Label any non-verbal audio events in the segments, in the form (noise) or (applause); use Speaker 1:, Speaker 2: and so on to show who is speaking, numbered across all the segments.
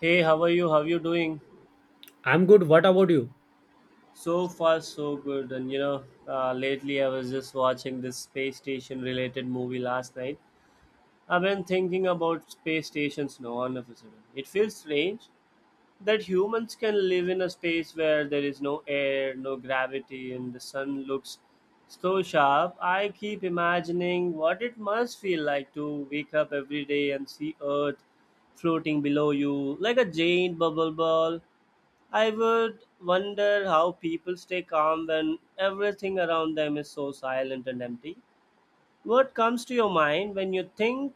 Speaker 1: Hey, how are you? How you doing?
Speaker 2: I'm good. What about you?
Speaker 1: So far, so good. And you know, lately I was just watching this space station related movie last night. I've been thinking about space stations now all of a sudden. It feels strange that humans can live in a space where there is no air, no gravity, and the sun looks so sharp. I keep imagining what it must feel like to wake up every day and see Earth floating below you like a giant bubble ball. I would wonder how people stay calm when everything around them is so silent and empty. What comes to your mind when you think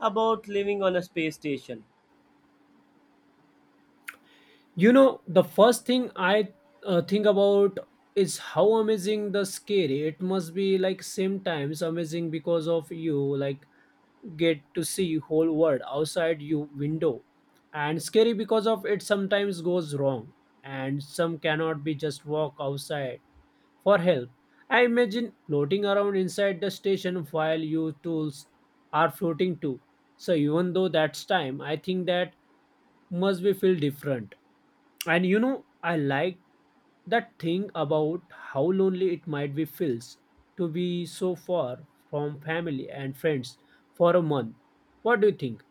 Speaker 1: about living on a space station?
Speaker 2: The first thing I think about is how amazing the scary. It must be like same times amazing because of you like get to see whole world outside you window, and scary because of it sometimes goes wrong, and some cannot be just walk outside for help. I imagine floating around inside the station while you tools are floating too. So even though that's time, I think that must be feel different, and I like that thing about how lonely it might be feels to be so far from family and friends for a month. What do you think?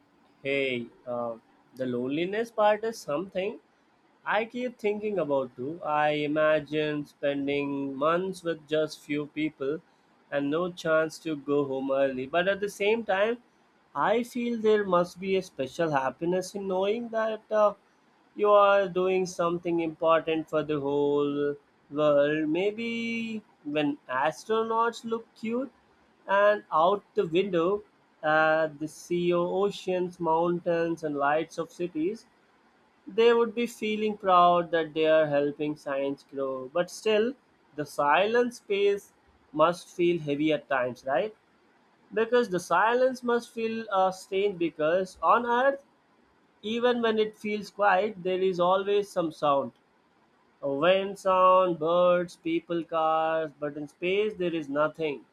Speaker 1: Hey, the loneliness part is something, I keep thinking about too. I imagine spending months with just few people and no chance to go home early. But at the same time, I feel there must be a special happiness in knowing that you are doing something important for the whole world. Maybe when astronauts look cute and out the window at the sea, oceans, mountains, and lights of cities, they would be feeling proud that they are helping science grow. But still, the silent space must feel heavy at times, right? Because the silence must feel strange because on Earth, even when it feels quiet, there is always some sound. A wind sound, birds, people, cars, but in space there is nothing.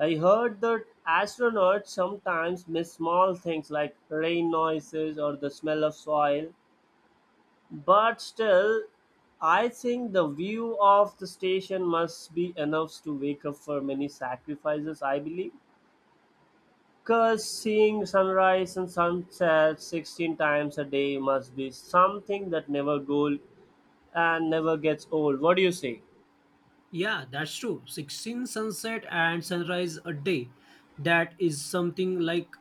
Speaker 1: I heard that astronauts sometimes miss small things like rain noises or the smell of soil, but still, I think the view of the station must be enough to wake up for many sacrifices, I believe. Because seeing sunrise and sunset 16 times a day must be something that never goes and never gets old. What do you say?
Speaker 2: Yeah, that's true. 16 sunset and sunrise a day. That is something like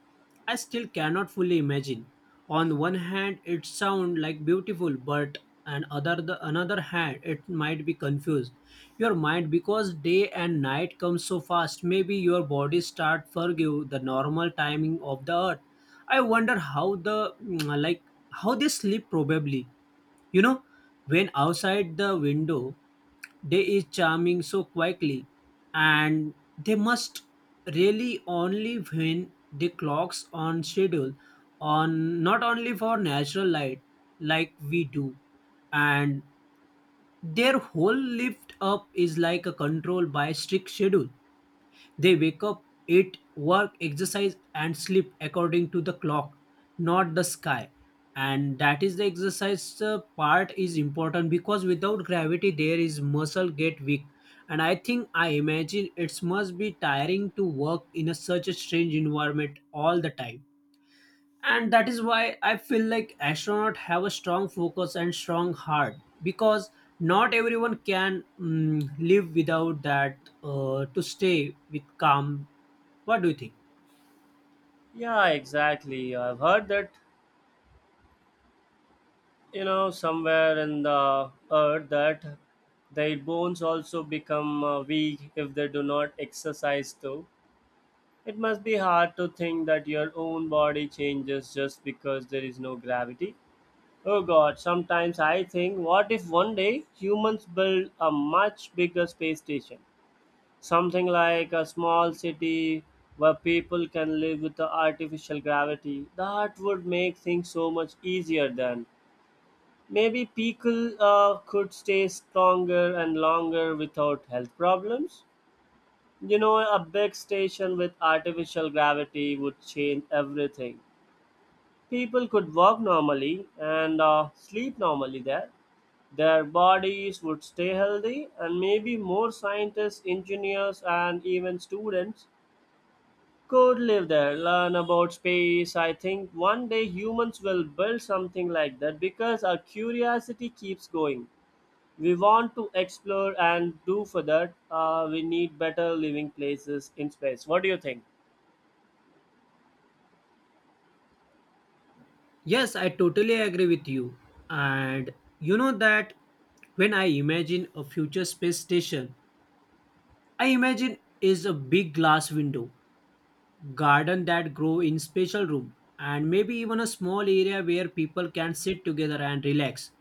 Speaker 2: I still cannot fully imagine. On one hand, it sound like beautiful, but on other the another hand, it might be confused. Your mind because day and night come so fast, maybe your body start forgive the normal timing of the earth. I wonder how like how they sleep probably, you know, when outside the window, day is charming so quietly, and they must really only when the clocks on schedule on not only for natural light like we do, and their whole lift up is like a control by strict schedule. They wake up, eat, work, exercise, and sleep according to the clock, not the sky. And that is the exercise part is important because without gravity, there is muscle get weak. And I think I imagine it must be tiring to work in a such a strange environment all the time. And that is why I feel like astronauts have a strong focus and strong heart because not everyone can live without that to stay with calm. What do you think?
Speaker 1: Yeah, exactly. I've heard that, somewhere in the earth that their bones also become weak if they do not exercise too. It must be hard to think that your own body changes just because there is no gravity. Oh god, sometimes I think, what if one day humans build a much bigger space station? Something like a small city where people can live with the artificial gravity. That would make things so much easier then. Maybe people could stay stronger and longer without health problems. A big station with artificial gravity would change everything. People could walk normally and sleep normally there. Their bodies would stay healthy, and maybe more scientists, engineers, and even students could live there, learn about space. I think one day humans will build something like that because our curiosity keeps going. We want to explore, and do for that, we need better living places in space. What do you think?
Speaker 2: Yes, I totally agree with you. And you know that when I imagine a future space station, I imagine is a big glass window, garden that grow in special room, and maybe even a small area where people can sit together and relax.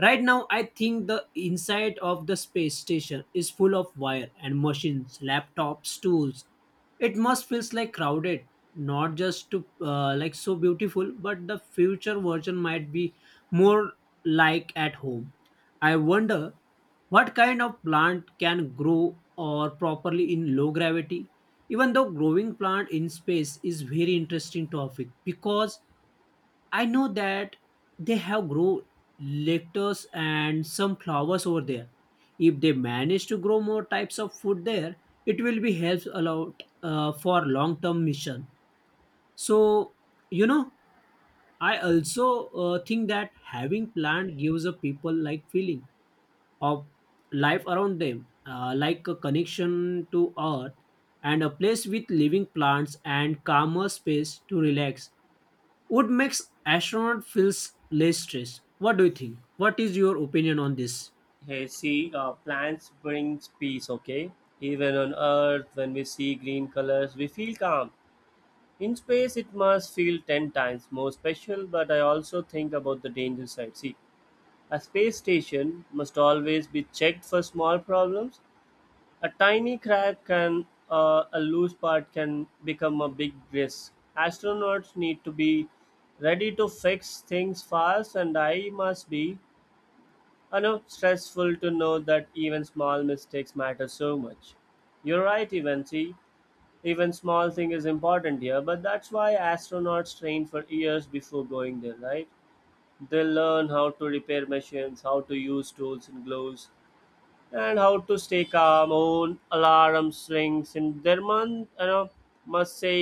Speaker 2: Right now, I think the inside of the space station is full of wire and machines, laptops, tools. It must feels like crowded, not just to like so beautiful, but the future version might be more like at home. I wonder what kind of plant can grow or properly in low gravity. Even though growing plant in space is very interesting topic because I know that they have grown lettuce and some flowers over there. If they manage to grow more types of food there, it will be helps a lot for long term mission. So, you know, I also think that having plant gives a people like feeling of life around them, like a connection to earth, and a place with living plants and calmer space to relax would makes astronaut feels less stressed. What do you think? What is your opinion on this?
Speaker 1: Hey, see, plants brings peace, okay? Even on Earth, when we see green colors, we feel calm. In space, it must feel 10 times more special, but I also think about the danger side. See, a space station must always be checked for small problems. A tiny crack can, a loose part can become a big risk. Astronauts need to be ready to fix things fast, and I must be I know stressful to know that even small mistakes matter so much. You're right, Eventy. Even small thing is important here, but that's why astronauts train for years before going there, right? They learn how to repair machines, how to use tools and gloves, and how to stay calm own alarm swings in their month, must say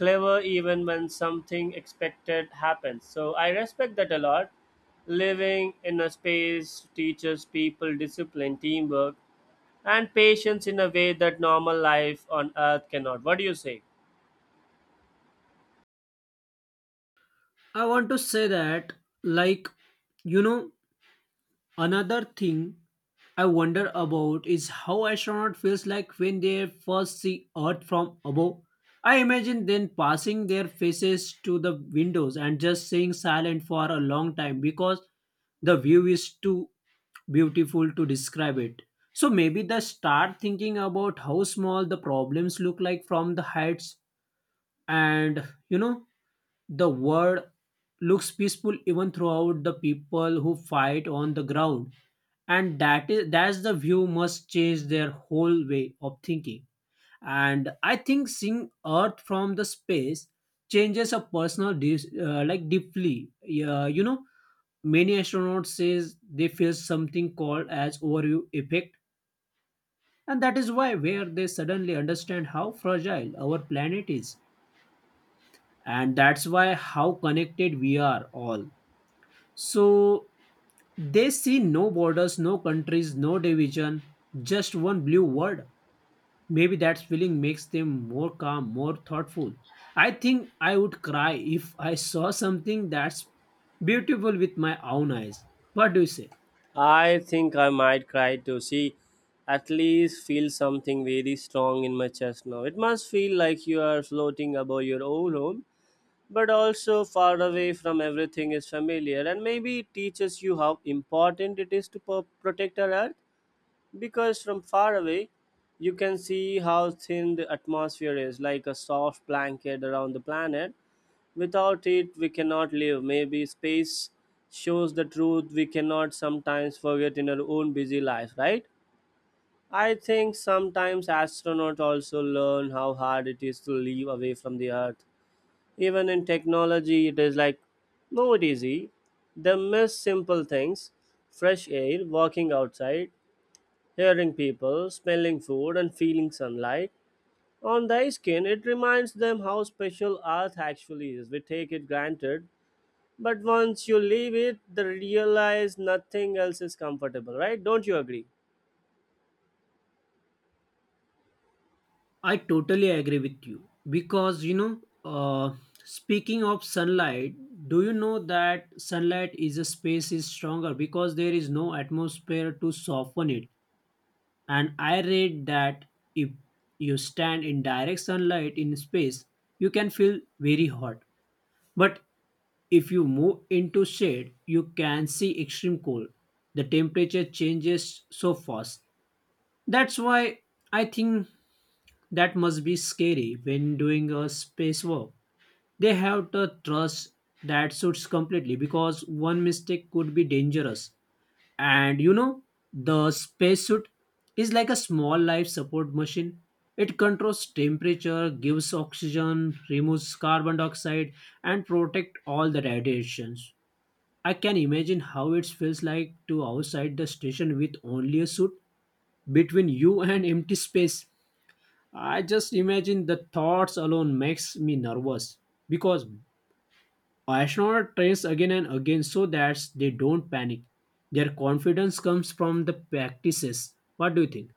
Speaker 1: clever even when something expected happens. So I respect that a lot. Living in a space teaches people discipline, teamwork, and patience in a way that normal life on earth cannot. What do you say?
Speaker 2: I want to say that, like, you know another thing I wonder about is how astronaut feels like when they first see Earth from above. I imagine then passing their faces to the windows and just staying silent for a long time because the view is too beautiful to describe it. So maybe they start thinking about how small the problems look like from the heights, and the world looks peaceful even throughout the people who fight on the ground. And that's the view must change their whole way of thinking. And I think seeing Earth from the space changes a personal like deeply. Yeah, many astronauts says they feel something called as overview effect, and that is why where they suddenly understand how fragile our planet is, and that's why how connected we are all. So they see no borders, no countries, no division, just one blue world. Maybe that feeling makes them more calm, more thoughtful. I think I would cry if I saw something that's beautiful with my own eyes. What do you say?
Speaker 1: I think I might cry to see, at least feel something very strong in my chest now. It must feel like you are floating above your own home, but also far away from everything is familiar. And maybe it teaches you how important it is to protect our earth. Because from far away you can see how thin the atmosphere is, like a soft blanket around the planet. Without it we cannot live. Maybe space shows the truth we cannot sometimes forget in our own busy life, right? I think sometimes astronauts also learn how hard it is to live away from the earth. Even in technology it is like not easy. They miss simple things, fresh air, walking outside, hearing people, smelling food, and feeling sunlight on their skin. It reminds them how special earth actually is. We take it granted, but once you leave it, they realize nothing else is comfortable, right? Don't you agree?
Speaker 2: I totally agree with you because speaking of sunlight, do you know that sunlight is a space is stronger because there is no atmosphere to soften it? And I read that if you stand in direct sunlight in space, you can feel very hot. But if you move into shade, you can see extreme cold. The temperature changes so fast. That's why I think that must be scary when doing a space work. They have to trust that suits completely because one mistake could be dangerous. And the spacesuit is like a small life support machine. It controls temperature, gives oxygen, removes carbon dioxide, and protect all the radiations. I can imagine how it feels like to outside the station with only a suit between you (laughs) and empty space. I just imagine the thoughts alone makes me nervous because astronauts trains again and again so that they don't panic. Their confidence comes from the practices. What do you think?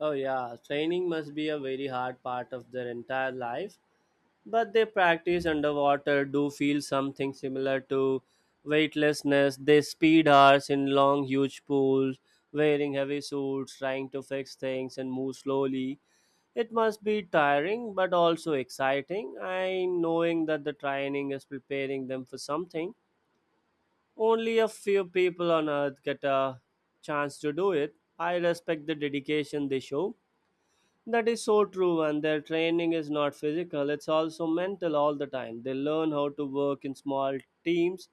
Speaker 1: Oh yeah, training must be a very hard part of their entire life. But they practice underwater, do feel something similar to weightlessness. They speed hours in long huge pools, wearing heavy suits, trying to fix things and move slowly. It must be tiring but also exciting, and knowing that the training is preparing them for something only a few people on earth get a chance to do it, I respect the dedication they show. That is so true, and their training is not physical, it's also mental all the time. They learn how to work in small teams,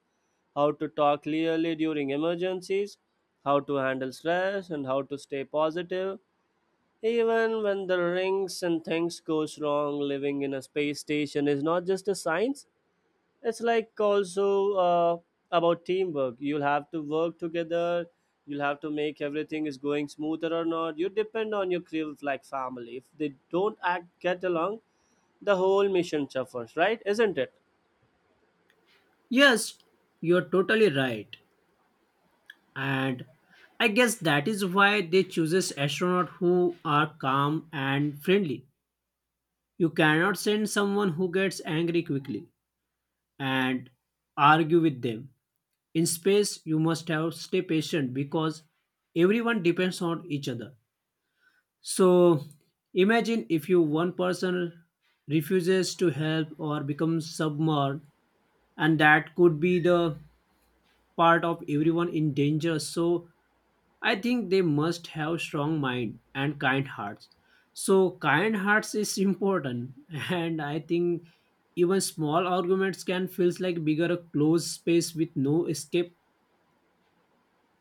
Speaker 1: how to talk clearly during emergencies, how to handle stress, and how to stay positive. Even when the rings and things goes wrong, living in a space station is not just a science, it's like also about teamwork. You'll have to work together. You'll have to make everything is going smoother or not. You depend on your crew like family. If they don't act get along, the whole mission suffers, right? Isn't it?
Speaker 2: Yes, you're totally right. And I guess that is why they chooses astronauts who are calm and friendly. You cannot send someone who gets angry quickly and argue with them. In space, you must have stay patient because everyone depends on each other. So imagine if you one person refuses to help or becomes submerged, and that could be the part of everyone in danger. So I think they must have strong mind and kind hearts. So kind hearts is important, (laughs) and I think even small arguments can feels like bigger a closed space with no escape.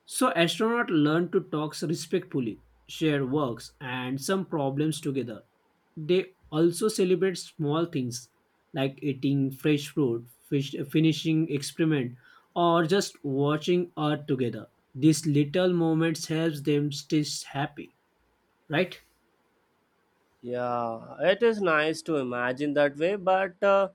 Speaker 2: So astronauts learn to talk respectfully, share works and some problems together. They also celebrate small things like eating fresh fruit, fish, finishing experiment, or just watching art together. These little moments helps them stay happy, right?
Speaker 1: Yeah, it is nice to imagine that way, but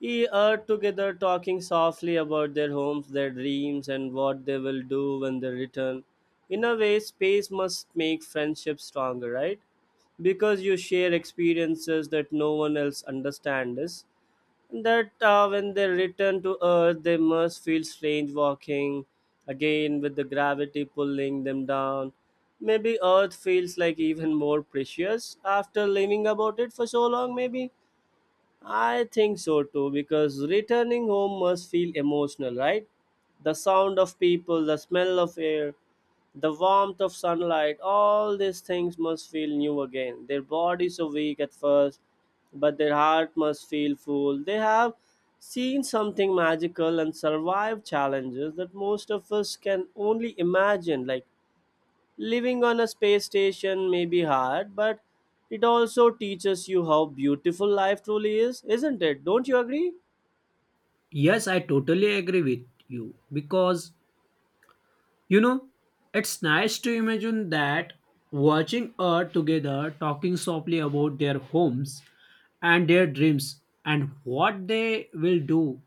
Speaker 1: Ye are together talking softly about their homes, their dreams, and what they will do when they return. In a way, space must make friendships stronger, right? Because you share experiences that no one else understands. That When they return to Earth, they must feel strange walking again with the gravity pulling them down. Maybe Earth feels like even more precious after living about it for so long, maybe. I think so too, because returning home must feel emotional, right? The sound of people, the smell of air, the warmth of sunlight, all these things must feel new again. Their bodies are weak at first, but their heart must feel full. They have seen something magical and survived challenges that most of us can only imagine, like living on a space station may be hard, but it also teaches you how beautiful life truly is, isn't it? Don't you agree?
Speaker 2: Yes, I totally agree with you because you know it's nice to imagine that watching Earth together, talking softly about their homes and their dreams and what they will do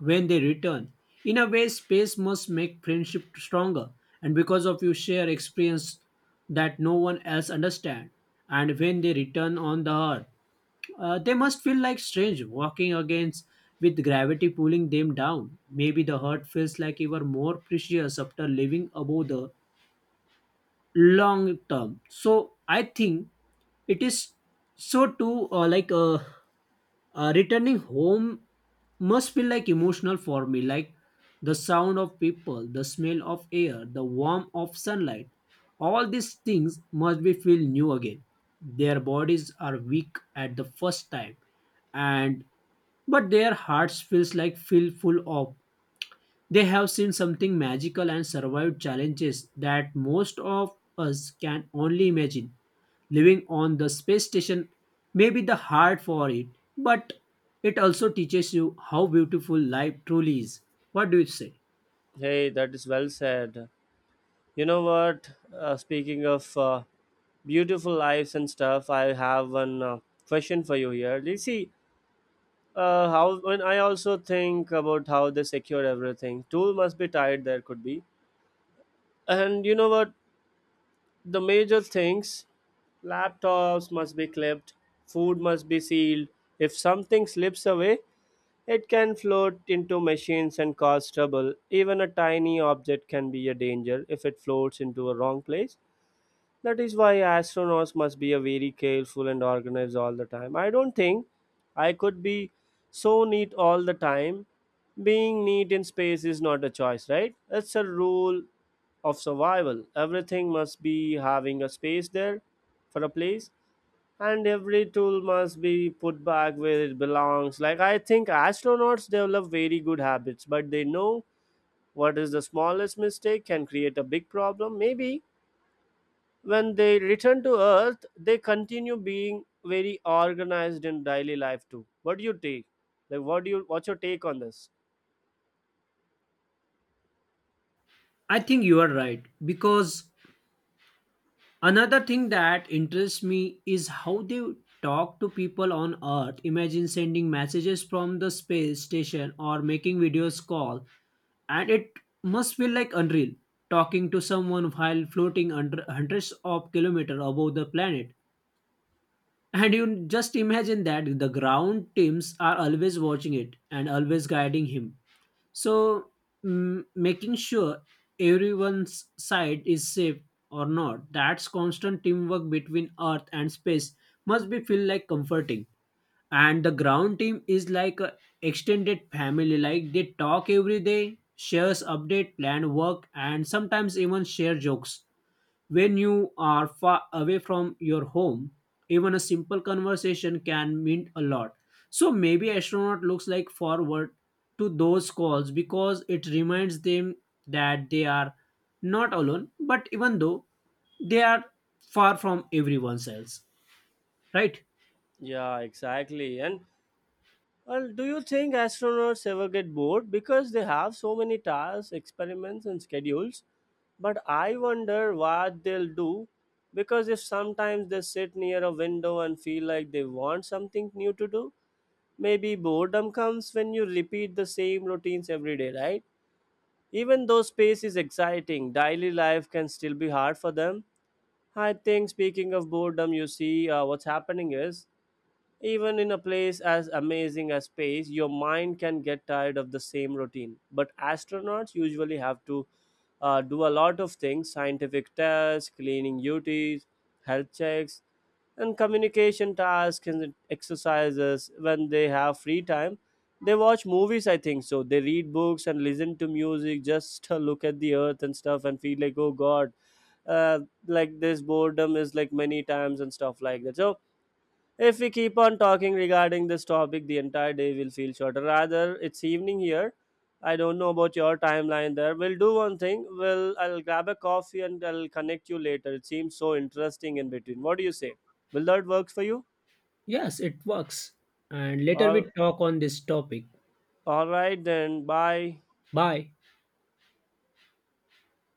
Speaker 2: when they return. In a way, space must make friendship stronger, and because of you share experience that no one else understand. And when they return on the earth, they must feel like strange walking against with gravity pulling them down. Maybe the heart feels like even more precious after living above the long term. So I think it is so too, like returning home must feel like emotional for me, like the sound of people, the smell of air, the warmth of sunlight. All these things must be feel new again. Their bodies are weak at the first time, and but their hearts feels like feel full of they have seen something magical and survived challenges that most of us can only imagine. Living on the space station may be the hard for it, but it also teaches you how beautiful life truly is. What do you say?
Speaker 1: Hey, that is well said. You know what? Speaking of beautiful lives and stuff, I have one question for you here. You see, how when I also think about how they secure everything, tool must be tied. There could be, and you know what? The major things, laptops must be clipped, food must be sealed. If something slips away, it can float into machines and cause trouble. Even a tiny object can be a danger if it floats into a wrong place. That is why astronauts must be a very careful and organized all the time. I don't think I could be so neat all the time. Being neat in space is not a choice, right? It's a rule of survival. Everything must be having a space there for a place, and every tool must be put back where it belongs. Like I think astronauts develop very good habits, but they know what is the smallest mistake can create a big problem. Maybe when they return to Earth, they continue being very organized in daily life too. What do you take? Like, what do you? What's your take on this?
Speaker 2: I think you are right because another thing that interests me is how they talk to people on Earth. Imagine sending messages from the space station or making videos call, and it must feel like unreal talking to someone while floating under hundreds of kilometers above the planet. And you just imagine that the ground teams are always watching it and always guiding him. So, making sure everyone's side is safe or not, that's constant teamwork between Earth and space must be feel like comforting. And the ground team is like a extended family, like they talk every day, shares update, plan work, and sometimes even share jokes. When you are far away from your home, even a simple conversation can mean a lot. So maybe astronaut looks like forward to those calls because it reminds them that they are not alone, but even though they are far from everyone else. Right?
Speaker 1: Yeah, exactly. And well, do you think astronauts ever get bored because they have so many tasks, experiments, and schedules? But I wonder what they'll do because if sometimes they sit near a window and feel like they want something new to do, maybe boredom comes when you repeat the same routines every day, right? Even though space is exciting, daily life can still be hard for them. I think, speaking of boredom, you see, what's happening is even in a place as amazing as space, your mind can get tired of the same routine. But astronauts usually have to do a lot of things, scientific tests, cleaning duties, health checks, and communication tasks and exercises. When they have free time they watch movies, I think so. They read books and listen to music, just look at the earth and stuff and feel like, oh God, uh, like this boredom is like many times and stuff like that. So, if we keep on talking regarding this topic, the entire day will feel shorter. Rather, it's evening here. I don't know about your timeline there. We'll do one thing. We'll I'll grab a coffee and I'll connect you later. It seems so interesting in between. What do you say? Will that work for you?
Speaker 2: Yes, it works. And later we
Speaker 1: All
Speaker 2: talk on this topic.
Speaker 1: all right then. Bye.
Speaker 2: Bye.